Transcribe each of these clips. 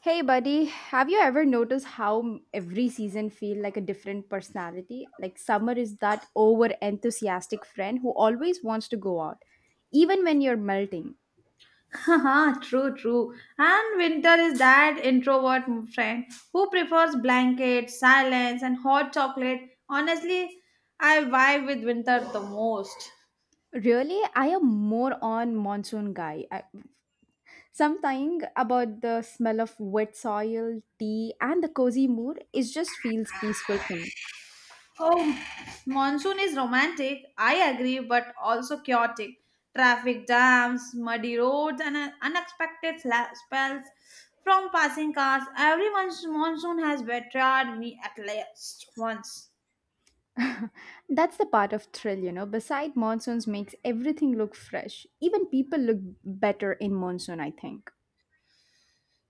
Hey buddy, have you ever noticed how every season feel like a different personality? Like summer is that over enthusiastic friend who always wants to go out even when you're melting. Haha, true, true. And Winter is that introvert friend who prefers blankets, silence, and hot chocolate. Honestly, I vibe with Winter the most. Really, I am more on monsoon guy. Something about the smell of wet soil, tea and the cozy mood it just feels peaceful for me. Oh, monsoon is romantic, I agree, but also chaotic. Traffic jams, muddy roads, and unexpected spells from passing cars. Every monsoon has betrayed me at least once. That's the part of thrill. Beside monsoons makes everything look fresh. Even people look better in monsoon, I think.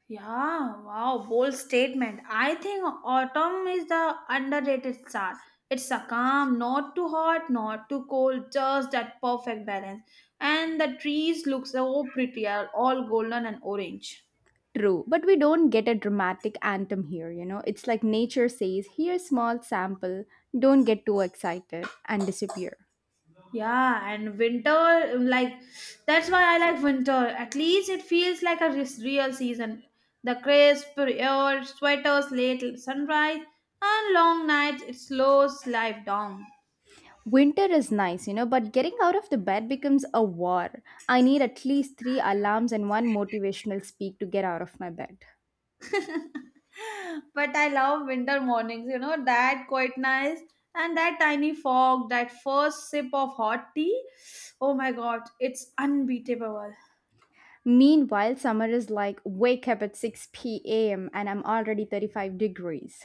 Yeah, wow, bold statement. I think autumn is the underrated star. It's a calm, not too hot, not too cold, just that perfect balance. And the trees look so pretty, are all golden and orange. True, but we don't get a dramatic anthem here. It's like nature says, here small sample, don't get too excited and disappear. Yeah, and winter, like that's why I like winter. At least it feels like a real season. The crisp air, sweaters, late sunrise, and long nights. It slows life down. Winter is nice, but getting out of the bed becomes a war. I need at least 3 alarms and one motivational speak to get out of my bed. But I love winter mornings, you know, that quite nice. And that tiny fog, that first sip of hot tea, oh my god, it's unbeatable. Meanwhile, summer is like wake up at 6 p.m. and I'm already 35 degrees.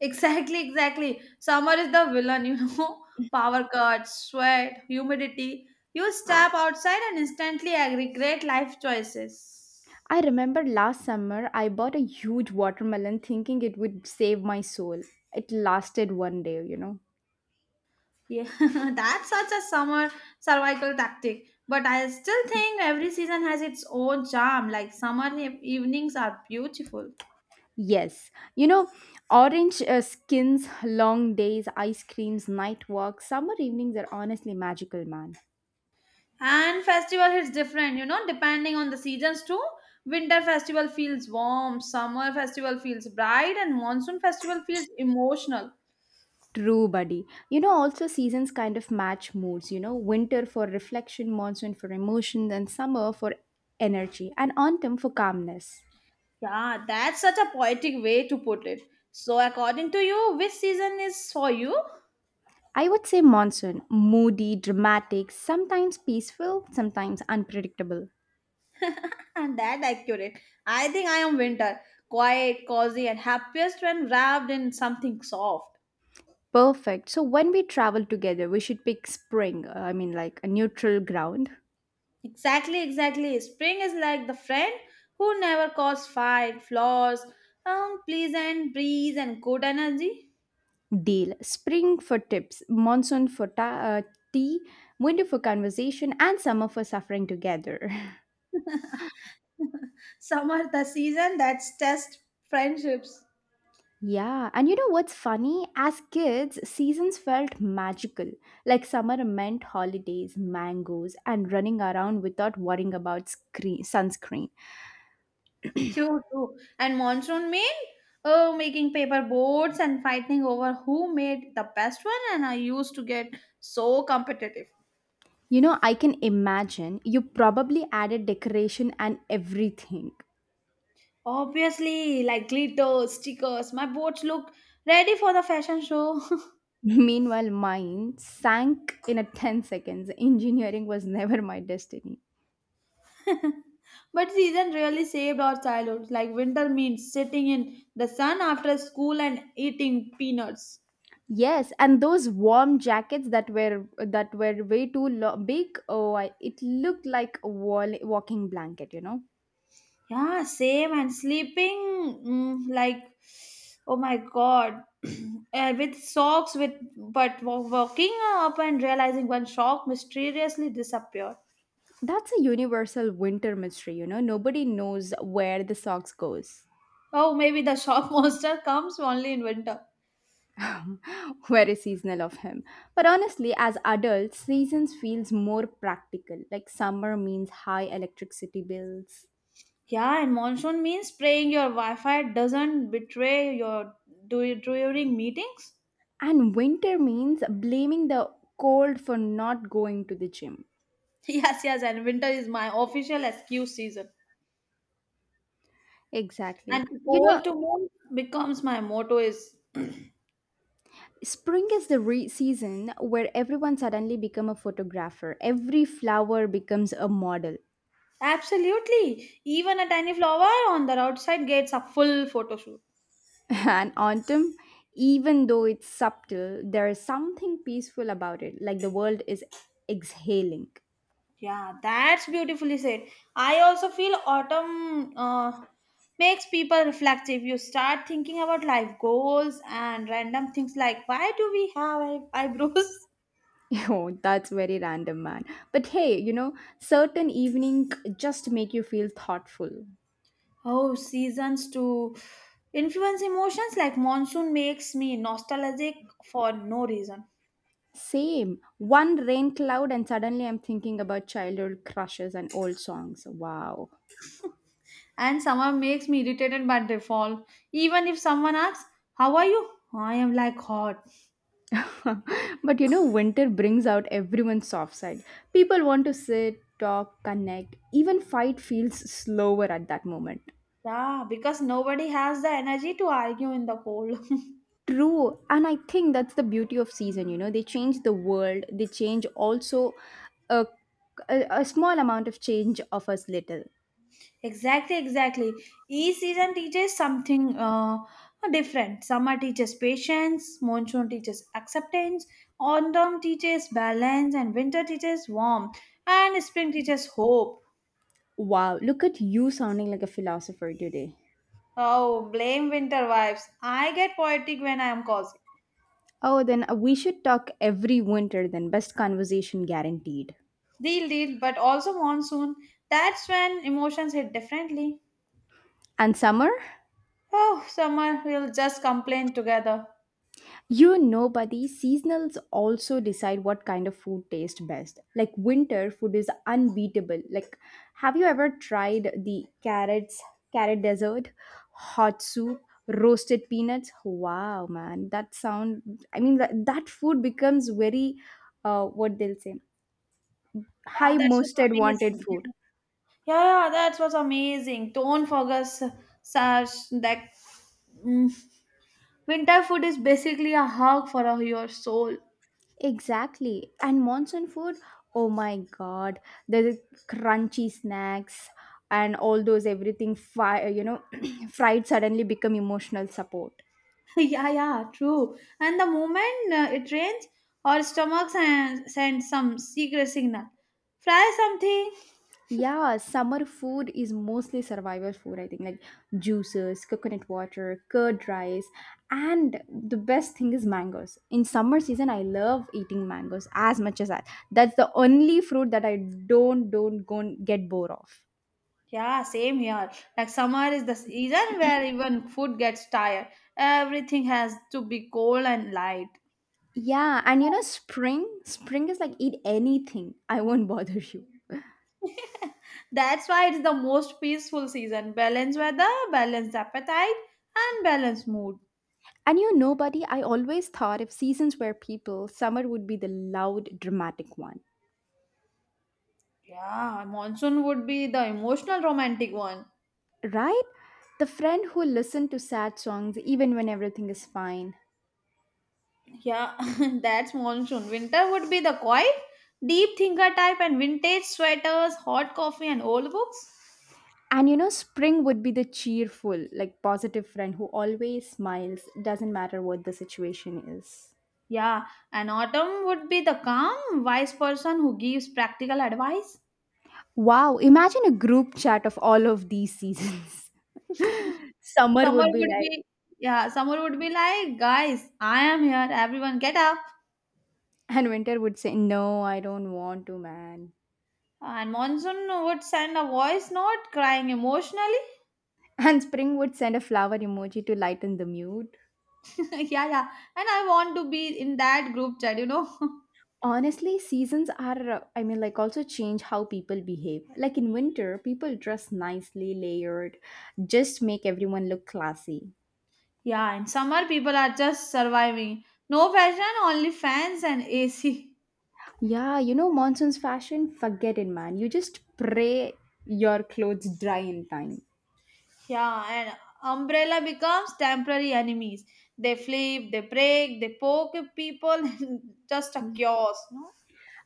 Exactly, exactly. Summer is the villain, you know. Power cuts, sweat, humidity. You step outside and instantly regret life choices. I remember last summer I bought a huge watermelon thinking it would save my soul. It lasted one day. Yeah, that's such a summer survival tactic. But I still think every season has its own charm. Like summer evenings are beautiful. Yes, you know, orange skins, long days, ice creams, night walks, summer evenings are honestly magical, man. And festival hits different, you know, depending on the seasons too. Winter festival feels warm, summer festival feels bright, and monsoon festival feels emotional. True, buddy. Also seasons kind of match moods, winter for reflection, monsoon for emotion, and summer for energy, and autumn for calmness. Yeah, that's such a poetic way to put it. So, according to you, which season is for you? I would say monsoon, moody, dramatic, sometimes peaceful, sometimes unpredictable. And that accurate. I think I am winter, quiet, cozy, and happiest when wrapped in something soft. Perfect. So when we travel together, we should pick spring, I mean, like a neutral ground. Exactly, exactly. Spring is like the friend who never causes fight, flaws, pleasant breeze, and good energy. Deal. Spring for tips, monsoon for tea, winter for conversation, and summer for suffering together. Summer, the season that's test friendships. Yeah, and you know what's funny? As kids, seasons felt magical. Like summer meant holidays, mangoes, and running around without worrying about sunscreen. True, true. And monsoon mean oh, making paper boats and fighting over who made the best one. And I used to get so competitive. I can imagine you probably added decoration and everything. Obviously, like glitter, stickers. My boats look ready for the fashion show. Meanwhile, mine sank in a 10 seconds. Engineering was never my destiny. But season really saved our childhood. Like winter means sitting in the sun after school and eating peanuts. Yes, and those warm jackets that were way too big. It looked like a walking blanket. Yeah, same, and sleeping like oh my god, with socks. With but walking up and realizing one shock mysteriously disappeared. That's a universal winter mystery. Nobody knows where the socks goes. Oh, maybe the shock monster comes only in winter. Very seasonal of him. But honestly, as adults, seasons feels more practical. Like summer means high electricity bills, Yeah, and monsoon means praying your Wi-Fi doesn't betray your during meetings. and winter means blaming the cold for not going to the gym. Yes, yes, and winter is my official excuse season. Exactly. And cold to move becomes my motto is Spring is the season where everyone suddenly become a photographer. Every flower becomes a model. absolutely. Even a tiny flower on the outside gets a full photo shoot. And autumn, even though it's subtle, there is something peaceful about it, like the world is exhaling. Yeah, that's beautifully said. I also feel autumn makes people reflective. You start thinking about life goals and random things like why do we have eyebrows? Oh, that's very random, man. But hey, certain evening just make you feel thoughtful. Oh, seasons to influence emotions like monsoon makes me nostalgic for no reason. Same. One rain cloud, and suddenly I'm thinking about childhood crushes and old songs. Wow. And summer makes me irritated by default. Even if someone asks, how are you? I am like hot. But winter brings out everyone's soft side. People want to sit, talk, connect, even fight feels slower at that moment. Yeah, because nobody has the energy to argue in the cold. True, and I think that's the beauty of season, they change the world, they change also a, a small amount of change offers little. Exactly, exactly. Each season teaches something different. Summer teaches patience, monsoon teaches acceptance, autumn teaches balance, and winter teaches warmth, and spring teaches hope. Wow, look at you sounding like a philosopher today. Oh, blame winter vibes. I get poetic when I am cozy. Oh, then we should talk every winter, then best conversation guaranteed. Deal, deal, but also monsoon. That's when emotions hit differently. And summer? Oh, summer, we'll just complain together. Buddy, seasonals also decide what kind of food tastes best. Like winter food is unbeatable. Like, have you ever tried the carrot dessert, hot soup, roasted peanuts? Wow, man, that sound. I mean, that food becomes very, what they'll say, Yeah, high that's was most wanted amazing. food. Yeah, yeah, that was amazing. Don't forget, such that mm, winter food is basically a hug for your soul. Exactly. And monsoon food, oh my god, the crunchy snacks and all those everything fried suddenly become emotional support. Yeah, yeah, true. And the moment it rains, our stomachs and send some secret signal. Fry something. Yeah, summer food is mostly survival food, I think, like juices, coconut water, curd rice, and the best thing is mangoes. In summer season, I love eating mangoes as much as that. That's the only fruit that I don't go get bored of. Yeah, same here. Like summer is the season where even food gets tired. Everything has to be cold and light. Yeah, and spring is like eat anything. I won't bother you. That's why it's the most peaceful season. Balanced weather, balanced appetite, and balanced mood. And buddy, I always thought if seasons were people, summer would be the loud, dramatic one, Yeah, monsoon would be the emotional romantic one. right? The friend who listened to sad songs even when everything is fine. Yeah, that's monsoon. Winter would be the quiet, deep thinker type and vintage sweaters, hot coffee, and old books. And spring would be the cheerful, like positive friend who always smiles, doesn't matter what the situation is. Yeah, and autumn would be the calm, wise person who gives practical advice. Wow, imagine a group chat of all of these seasons. Summer Someone would be would like, be, yeah, someone would be like, guys, I am here. Everyone get up. and winter would say, no, I don't want to, man. And Monsoon would send a voice note crying emotionally. And spring would send a flower emoji to lighten the mood. Yeah, yeah. And I want to be in that group chat, you know. Honestly, seasons are, I mean, like also change how people behave. Like in winter, people dress nicely, layered, just make everyone look classy. Yeah, in summer, people are just surviving. No fashion, only fans and AC. Yeah, monsoon's fashion, forget it, man. You just pray your clothes dry in time. Yeah, and umbrella becomes temporary enemies. They flip, they break, they poke people. Just a chaos, no?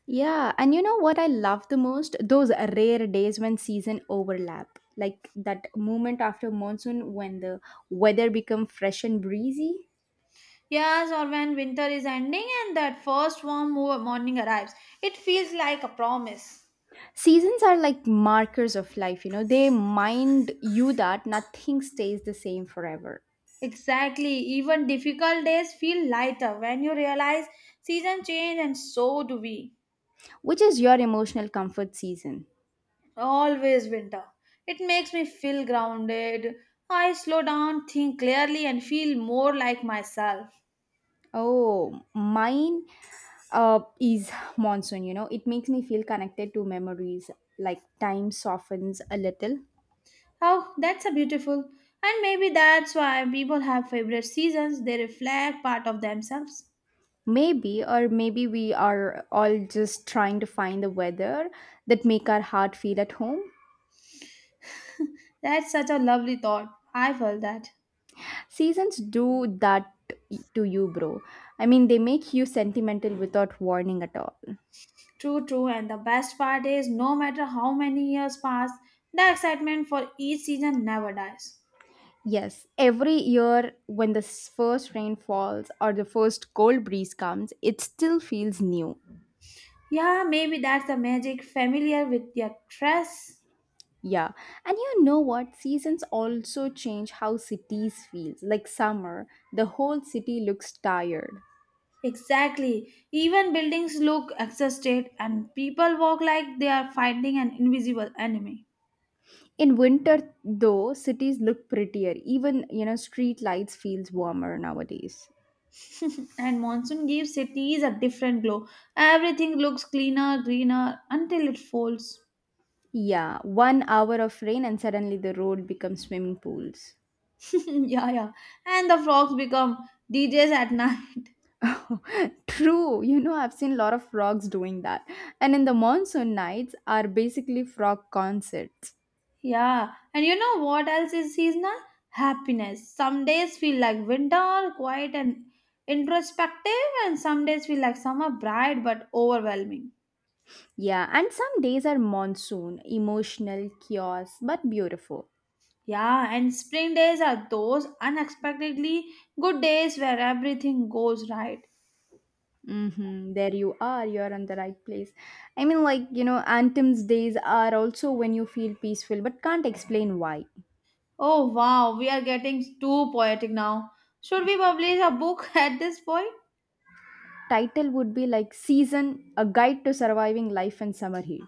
Yeah, and you know what I love the most? Those rare days when season overlap. Like that moment after monsoon when the weather become fresh and breezy. Yes, or when winter is ending and that first warm morning arrives, it feels like a promise. Seasons are like markers of life. They mind you that nothing stays the same forever. Exactly, even difficult days feel lighter when you realize season change and so do we. Which is your emotional comfort season? Always winter. It makes me feel grounded. I slow down, think clearly, and feel more like myself. Oh, mine is monsoon. It makes me feel connected to memories, like time softens a little. Oh, that's a beautiful. And maybe that's why people have favorite seasons, they reflect part of themselves. Maybe, or maybe we are all just trying to find the weather that make our heart feel at home. That's such a lovely thought. I felt that. Seasons do that to you, bro. I mean, they make you sentimental without warning at all. True, true. And the best part is, no matter how many years pass, the excitement for each season never dies. Yes, every year when the first rain falls or the first cold breeze comes, it still feels new. Yeah, maybe that's the magic familiar with their dress. Yeah. And you know what? Seasons also change how cities feels. Like summer, the whole city looks tired. Exactly. Even buildings look exhausted and people walk like they are fighting an invisible enemy. In winter, though, cities look prettier. Even, street lights feels warmer nowadays. And monsoon gives cities a different glow. Everything looks cleaner, greener until it falls. Yeah, one hour of rain and suddenly the road becomes swimming pools. Yeah, yeah. And the frogs become DJs at night. True, I've seen a lot of frogs doing that. And in the monsoon nights are basically frog concerts. Yeah, and you know what else is seasonal? Happiness. Some days feel like winter, quiet and introspective, and some days feel like summer, bright but overwhelming. Yeah, and some days are monsoon, emotional, chaos, but beautiful. Yeah, and spring days are those unexpectedly good days where everything goes right. Mm-hmm. There you are. You're in the right place. I mean, like, Anthem's days are also when you feel peaceful but can't explain why. Oh wow, we are getting too poetic now. Should we publish a book at this point? Title would be like Season A Guide to Surviving Life in Summer Heat.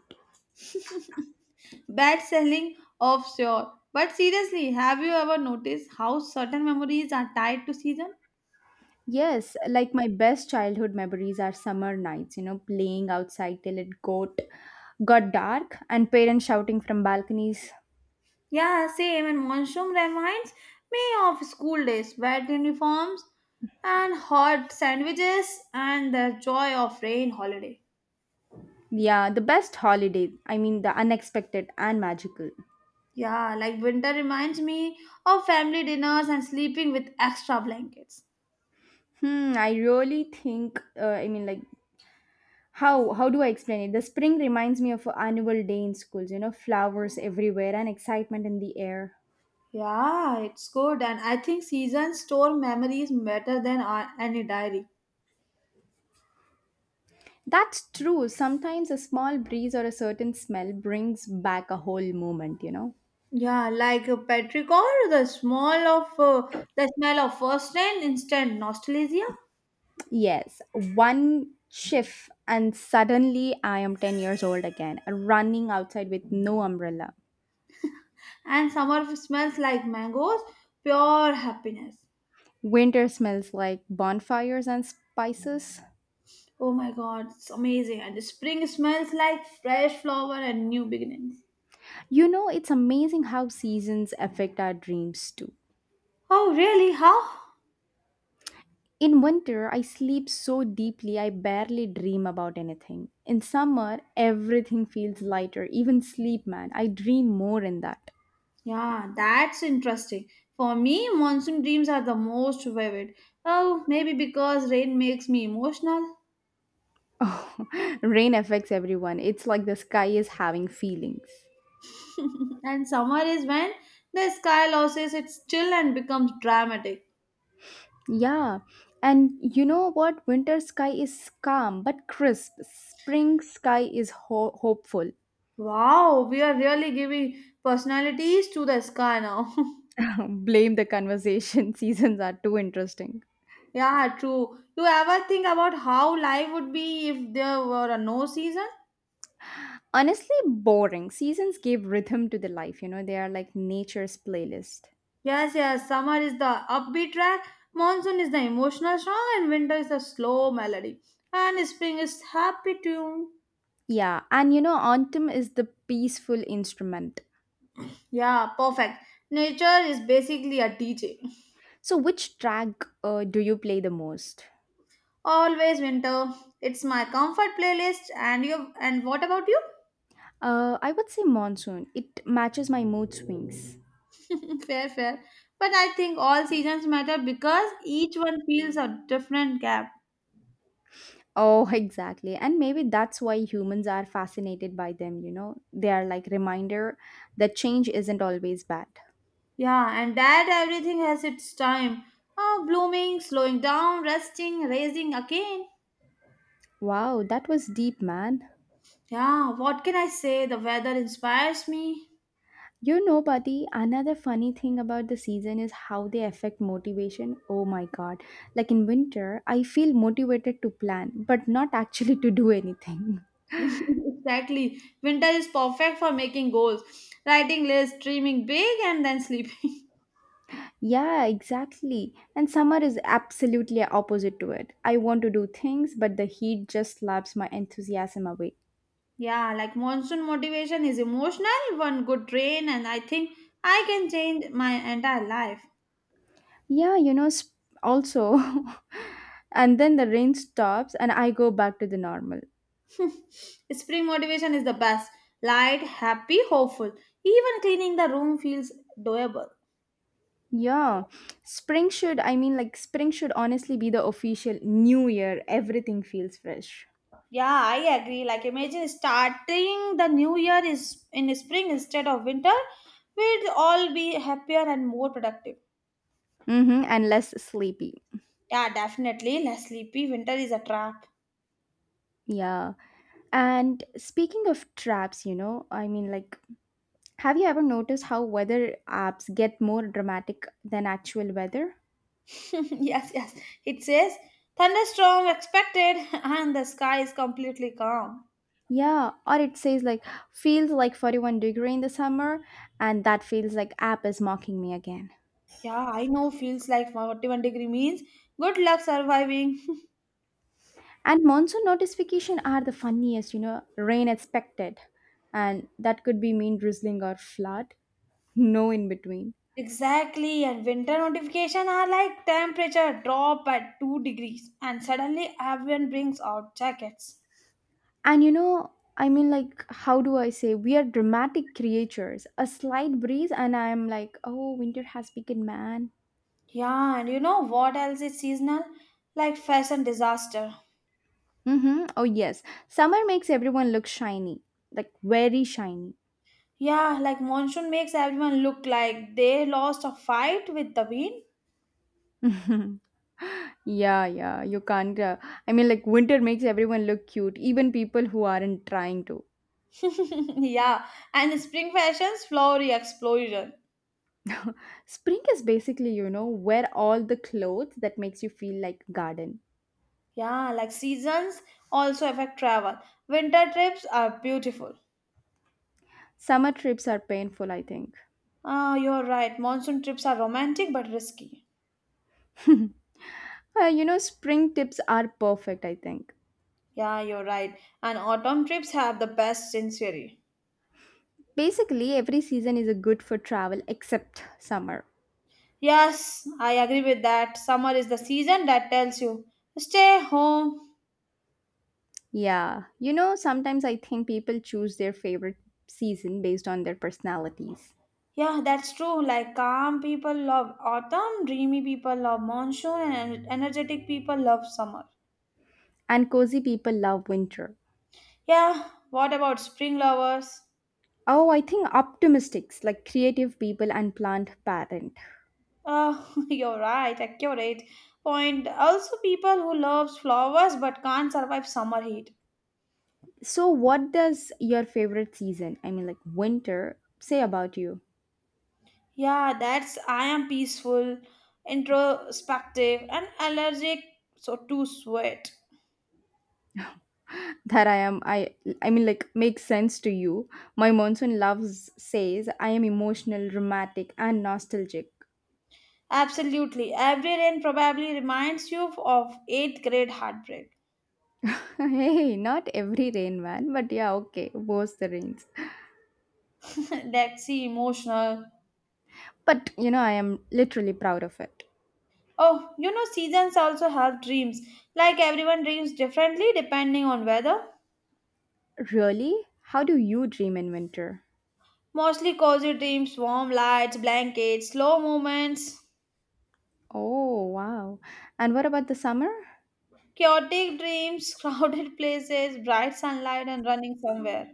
Bad selling of sure. But seriously, have you ever noticed how certain memories are tied to season? Yes, like my best childhood memories are summer nights, playing outside till it got dark and parents shouting from balconies. Yeah, same. And monsoon reminds me of school days, wet uniforms, and hot sandwiches, and the joy of rain holiday. Yeah, the best holiday. I mean, the unexpected and magical. Yeah, like winter reminds me of family dinners and sleeping with extra blankets. Hmm, I really think, I mean, like, how do I explain it, the spring reminds me of a annual day in schools, flowers everywhere and excitement in the air. Yeah, it's good. And I think seasons store memories better than any diary. That's true, sometimes a small breeze or a certain smell brings back a whole moment. Yeah, like a petrichor, the smell of first rain, instant nostalgia. Yes, one shift and suddenly I am 10 years old again running outside with no umbrella. And summer smells like mangoes, pure happiness. Winter smells like bonfires and spices. Oh my god, it's amazing. And the spring smells like fresh flower and new beginnings. It's amazing how seasons affect our dreams too. Oh, really? How? In winter, I sleep so deeply I barely dream about anything. In summer, everything feels lighter, even sleep, man. I dream more in that. Yeah, that's interesting. For me, monsoon dreams are the most vivid. Oh, maybe because rain makes me emotional. Oh, rain affects everyone. It's like the sky is having feelings. And summer is when the sky loses its chill and becomes dramatic. Yeah, and you know what? Winter sky is calm but crisp. Spring sky is hopeful. Wow, we are really giving personalities to the sky now. Blame the conversation. Seasons are too interesting. Yeah, true. You ever think about how life would be if there were a no season? Honestly, boring. Seasons give rhythm to the life, they are like nature's playlist. Yes, yes, summer is the upbeat track, monsoon is the emotional song, and winter is the slow melody. And spring is happy tune. Yeah, and autumn is the peaceful instrument. Yeah, perfect. Nature is basically a DJ. So, which track, do you play the most? Always winter. It's my comfort playlist and you and what about you? I would say monsoon. It matches my mood swings. Fair, fair. But I think all seasons matter because each one feels a different gap. Oh, exactly. And maybe that's why humans are fascinated by them, you know? They are like reminder that change isn't always bad. Yeah, and that everything has its time. Oh, blooming, slowing down, resting, raising again. Wow, that was deep, man. Yeah, what can I say? The weather inspires me. Buddy, another funny thing about the season is how they affect motivation. Oh my god. Like in winter, I feel motivated to plan, but not actually to do anything. Exactly. Winter is perfect for making goals, writing lists, dreaming big, and then sleeping. Yeah, exactly. And summer is absolutely opposite to it. I want to do things, but the heat just slaps my enthusiasm away. Yeah, like monsoon motivation is emotional. One good rain, and I think I can change my entire life. Yeah, also. And then the rain stops and I go back to the normal. Spring motivation is the best. Light, happy, hopeful. Even cleaning the room feels doable. Yeah, I mean, like, spring should honestly be the official new year. Everything feels fresh. Yeah, I agree. Like, imagine starting the new year is in spring instead of winter. We'd all be happier and more productive. Mm-hmm, and less sleepy. Yeah, definitely. Less sleepy. Winter is a trap. Yeah. And speaking of traps, I mean, like, have you ever noticed how weather apps get more dramatic than actual weather? Yes, yes. It says thunderstorm expected, and the sky is completely calm. Yeah, or it says, like, feels like 41 degree in the summer, and that feels like app is mocking me again. Yeah, I know. Feels like 41-degree means good luck surviving. And monsoon notification are the funniest, rain expected. And that could be mean drizzling or flood. No in between. Exactly, and winter notification are like temperature drop by 2 degrees, and suddenly everyone brings out jackets. And I mean like how do I say we are dramatic creatures. A slight breeze and I'm like, oh winter has begun, man. Yeah, and you know what else is seasonal? Like fashion disaster. Mm-hmm. Oh yes. Summer makes everyone look shiny. Like very shiny. Yeah, like monsoon makes everyone look like they lost a fight with the wind. Yeah, yeah. You can't I mean like winter makes everyone look cute, even people who aren't trying to. Yeah, and spring fashions flowery explosion. Spring is basically, wear all the clothes that makes you feel like garden. Yeah, like seasons also affect travel. Winter trips are beautiful. Summer trips are painful, I think. Ah, you're right. Monsoon trips are romantic but risky. Spring trips are perfect, I think. Yeah, you're right. And autumn trips have the best sensory. Basically, every season is a good for travel except summer. Yes, I agree with that. Summer is the season that tells you stay home. Yeah. You know, sometimes I think people choose their favorite season based on their personalities. Yeah, that's true. Like calm people love autumn, dreamy people love monsoon, and energetic people love summer. And cozy people love winter. Yeah, what about spring lovers? Oh, I think optimistics, like creative people and plant parent. Oh, you're right, accurate point. Also, people who loves flowers but can't survive summer heat. So, what does your favorite season, winter, say about you? Yeah, that's I am peaceful, introspective, and allergic so to sweat. That I am, I mean, like Makes sense to you. My monsoon loves says I am emotional, dramatic, and nostalgic. Absolutely. Every rain probably reminds you of eighth grade heartbreak. Hey, not every rain man, but yeah, okay, both the rains. Let's see, emotional. But you know, I am literally proud of it. Oh, you know, seasons also have dreams. Like everyone dreams differently depending on weather. Really? How do you dream in winter? Mostly cozy dreams, warm lights, blankets, slow movements, Oh wow! And what about the summer? chaotic dreams, crowded places, bright sunlight, and running somewhere.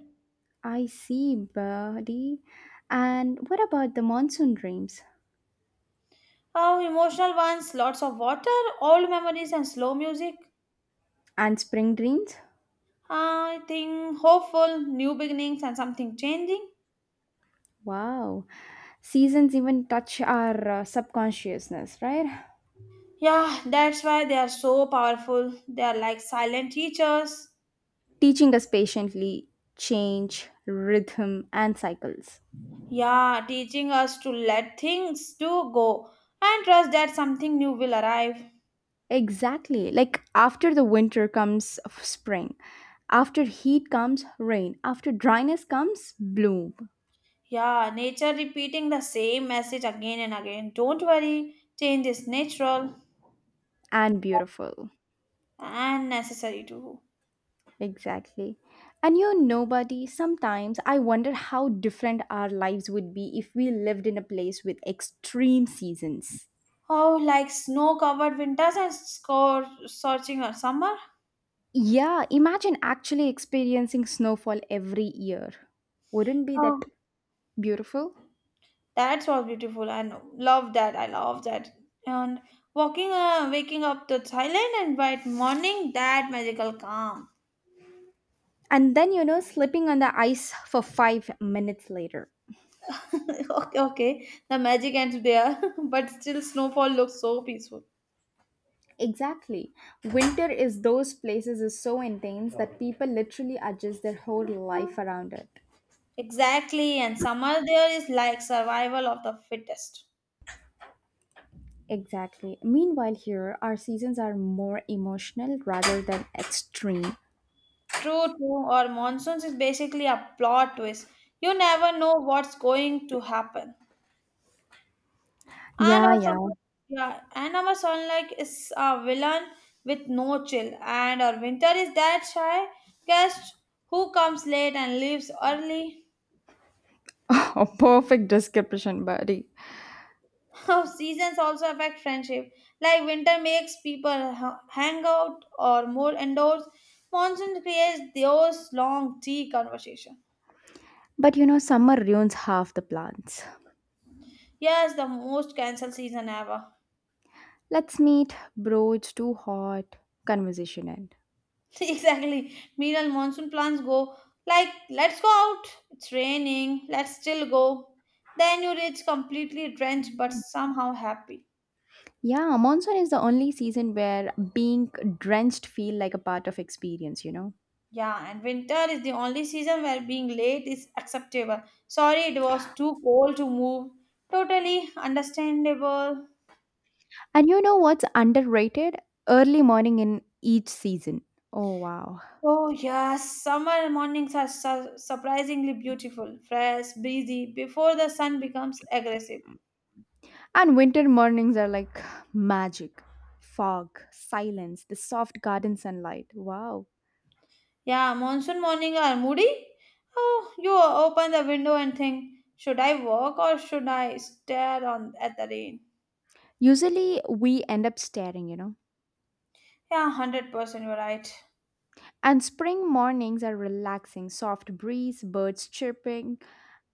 I see, buddy. And what about the monsoon dreams? Oh, emotional ones, lots of water, old memories, and slow music. And spring dreams? I think hopeful, new beginnings, and something changing. Wow. Seasons even touch our subconsciousness, right? Yeah, that's why they are so powerful. They are like silent teachers. Teaching us patiently change, rhythm, and cycles. Yeah, teaching us to let things do go and trust that something new will arrive. Exactly. Like after the winter comes spring, after heat comes rain, after dryness comes bloom Yeah, nature repeating the same message again and again. Don't worry, change is natural and beautiful. and necessary too. Exactly. And you're nobody. Sometimes I wonder how different our lives would be if we lived in a place with extreme seasons. Oh, like snow covered winters and score searching a summer. Yeah, imagine actually experiencing snowfall every year. Wouldn't be Oh, that beautiful? that's all beautiful. And love that. I love that. And walking, waking up to Thailand and bright morning, that magical calm. And then, you know, slipping on the ice for 5 minutes later. Okay, okay. The magic ends there, but still snowfall looks so peaceful. Exactly. Winter is those places is so intense that people literally adjust their whole life around it. Exactly, and summer there is like survival of the fittest. Exactly. Meanwhile, here, our seasons are more emotional rather than extreme. True, true, or monsoons is basically a plot twist. You never know what's going to happen. And Yeah, our yeah. summer, yeah, and our son like is a villain with no chill, and our winter is that shy guest who comes late and leaves early. A perfect description, buddy. Our seasons also affect friendship. Like winter makes people hang out or more indoors. Monsoon creates those long tea conversation. But you know, summer ruins half the plants. Yes, the most cancelled season ever. Let's meet, bro. It's too hot. Conversation end. Exactly. Meanwhile, monsoon plans go like, let's go out. It's raining. Let's still go. Then you reach completely drenched but somehow happy. Yeah, monsoon is the only season where being drenched feel like a part of experience, you know. Yeah, and winter is the only season where being late is acceptable. Sorry, it was too cold to move. Totally understandable. And you know what's underrated? Early morning in each season. Oh wow. Oh, yes, summer mornings are surprisingly beautiful, fresh, breezy, before the sun becomes aggressive. And winter mornings are like magic. Fog, silence, the soft garden sunlight. Wow. Yeah, monsoon morning are moody. Oh, you open the window and think, should I walk or should I stare on at the rain? Usually we end up staring, you know. Yeah, 100% you're right. And spring mornings are relaxing, soft breeze, birds chirping,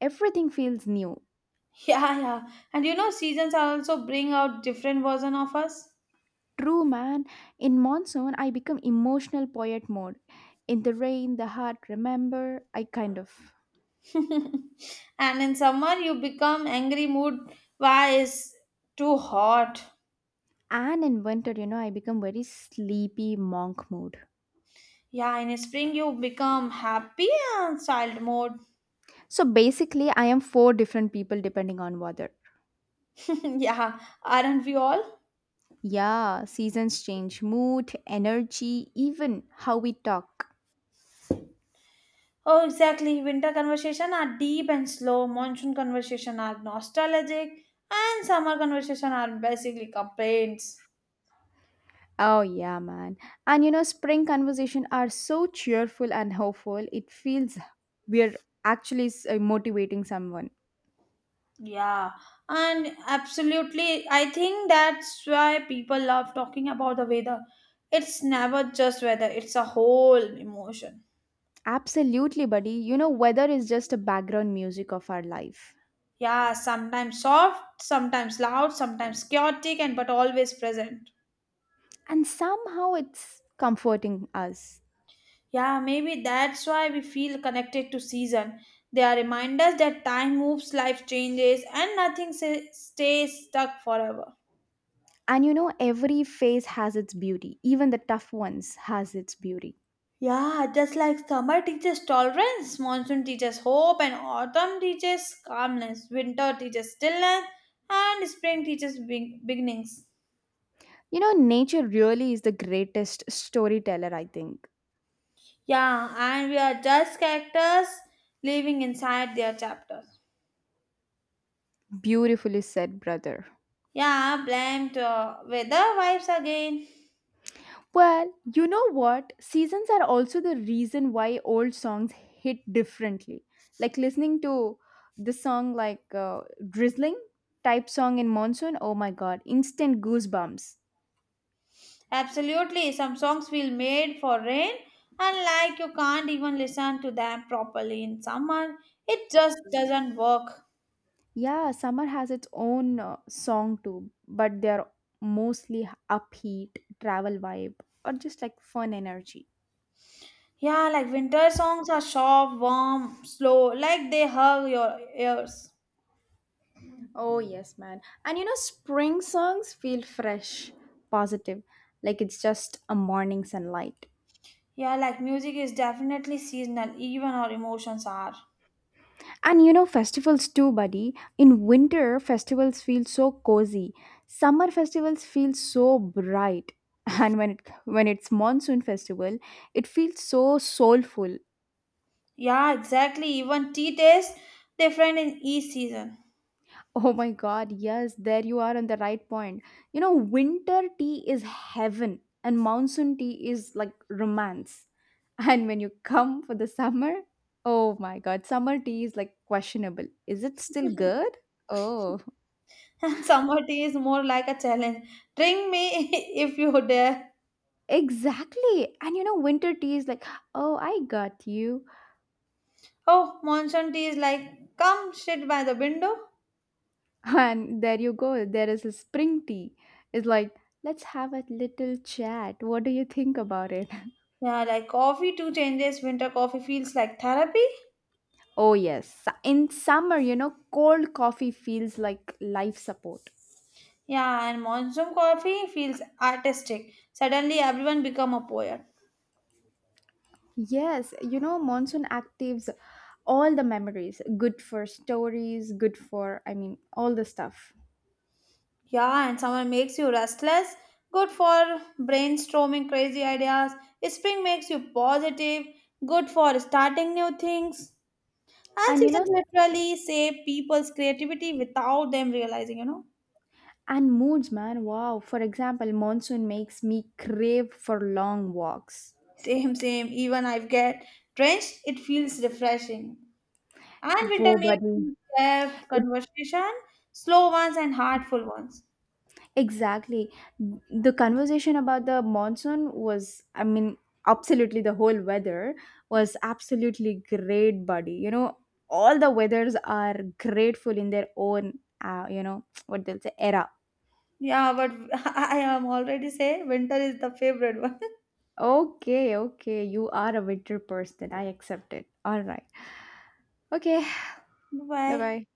everything feels new. Yeah, yeah. And you know, seasons also bring out different version of us. True, man. In monsoon, I become emotional poet mode. In the rain, the heart remember. I kind of. And in summer, you become angry mood. Why is too hot? And in winter, you know, I become very sleepy monk mode. Yeah, in spring you become happy and child mode. So basically, I am four different people depending on weather. Yeah, aren't we all? Yeah, seasons change mood, energy, even how we talk. Oh, exactly. Winter conversation are deep and slow. Monsoon conversation are nostalgic, and summer conversation are basically complaints. Oh, yeah, man. And you know, spring conversation are so cheerful and hopeful. It feels we're motivating someone. Yeah, and absolutely, I think that's why people love talking about the weather. It's never just weather; it's a whole emotion. Absolutely, buddy. You know, weather is just a background music of our life. Yeah, sometimes soft, sometimes loud, sometimes chaotic, and but always present. And somehow it's comforting us. Yeah, maybe that's why we feel connected to season. They are reminders that time moves, life changes, and nothing stays stuck forever. And you know, every phase has its beauty. Even the tough ones has its beauty. Yeah, just like summer teaches tolerance, monsoon teaches hope, and autumn teaches calmness, winter teaches stillness, and spring teaches beginnings. You know, nature really is the greatest storyteller, I think. Yeah, and we are just characters living inside their chapters. Beautifully said, brother. Yeah, blamed weather vibes again. Well, you know what? Seasons are also the reason why old songs hit differently. Like listening to this song, drizzling type song in monsoon, oh my god, instant goosebumps. Absolutely, some songs feel made for rain, and like you can't even listen to them properly in summer. It just doesn't work. Yeah, summer has its own song too, but they're mostly upbeat, travel vibe, or just like fun energy. Yeah, like winter songs are sharp, warm, slow, like they hug your ears. Oh, yes, man. And you know, spring songs feel fresh, positive, like it's just a morning sunlight. Yeah, like music is definitely seasonal, even our emotions are. And you know, festivals too, buddy. In winter, festivals feel so cozy. Summer festivals feel so bright. And when it's monsoon festival, it feels so soulful. Yeah, exactly. Even tea tastes different in each season. Oh my god, yes, there you are on the right point. You know, winter tea is heaven and monsoon tea is like romance. And when you come for the summer, oh my god, summer tea is like questionable. Is it still good? Oh. And summer tea is more like a challenge. Drink me if you dare. Exactly. And you know, winter tea is like, oh, I got you. Oh, monsoon tea is like, come sit by the window. And there you go. There is a spring tea. It's like, let's have a little chat. What do you think about it? Yeah, like coffee too changes. Winter coffee feels like therapy. Oh, yes. In summer, you know, cold coffee feels like life support. Yeah, and monsoon coffee feels artistic. Suddenly everyone become a poet. Yes. You know, monsoon actives all the memories. Good for stories, good for, I mean, all the stuff. Yeah, and summer makes you restless. Good for brainstorming crazy ideas. Spring makes you positive. Good for starting new things. And And you know, seasons literally save people's creativity without them realizing, you know. and moods, man. Wow. For example, monsoon makes me crave for long walks. Same, same. Even I get drenched, it feels refreshing. And winter Wo makes button. me have It, conversation, slow ones and heartful ones. exactly. The conversation about the monsoon was absolutely the whole weather was absolutely great, buddy. You know, all the weathers are grateful in their own, you know, what they'll say, era. Yeah, but I am already say winter is the favorite one. Okay, okay. You are a winter person. I accept it. All right. Okay. Bye Bye. bye.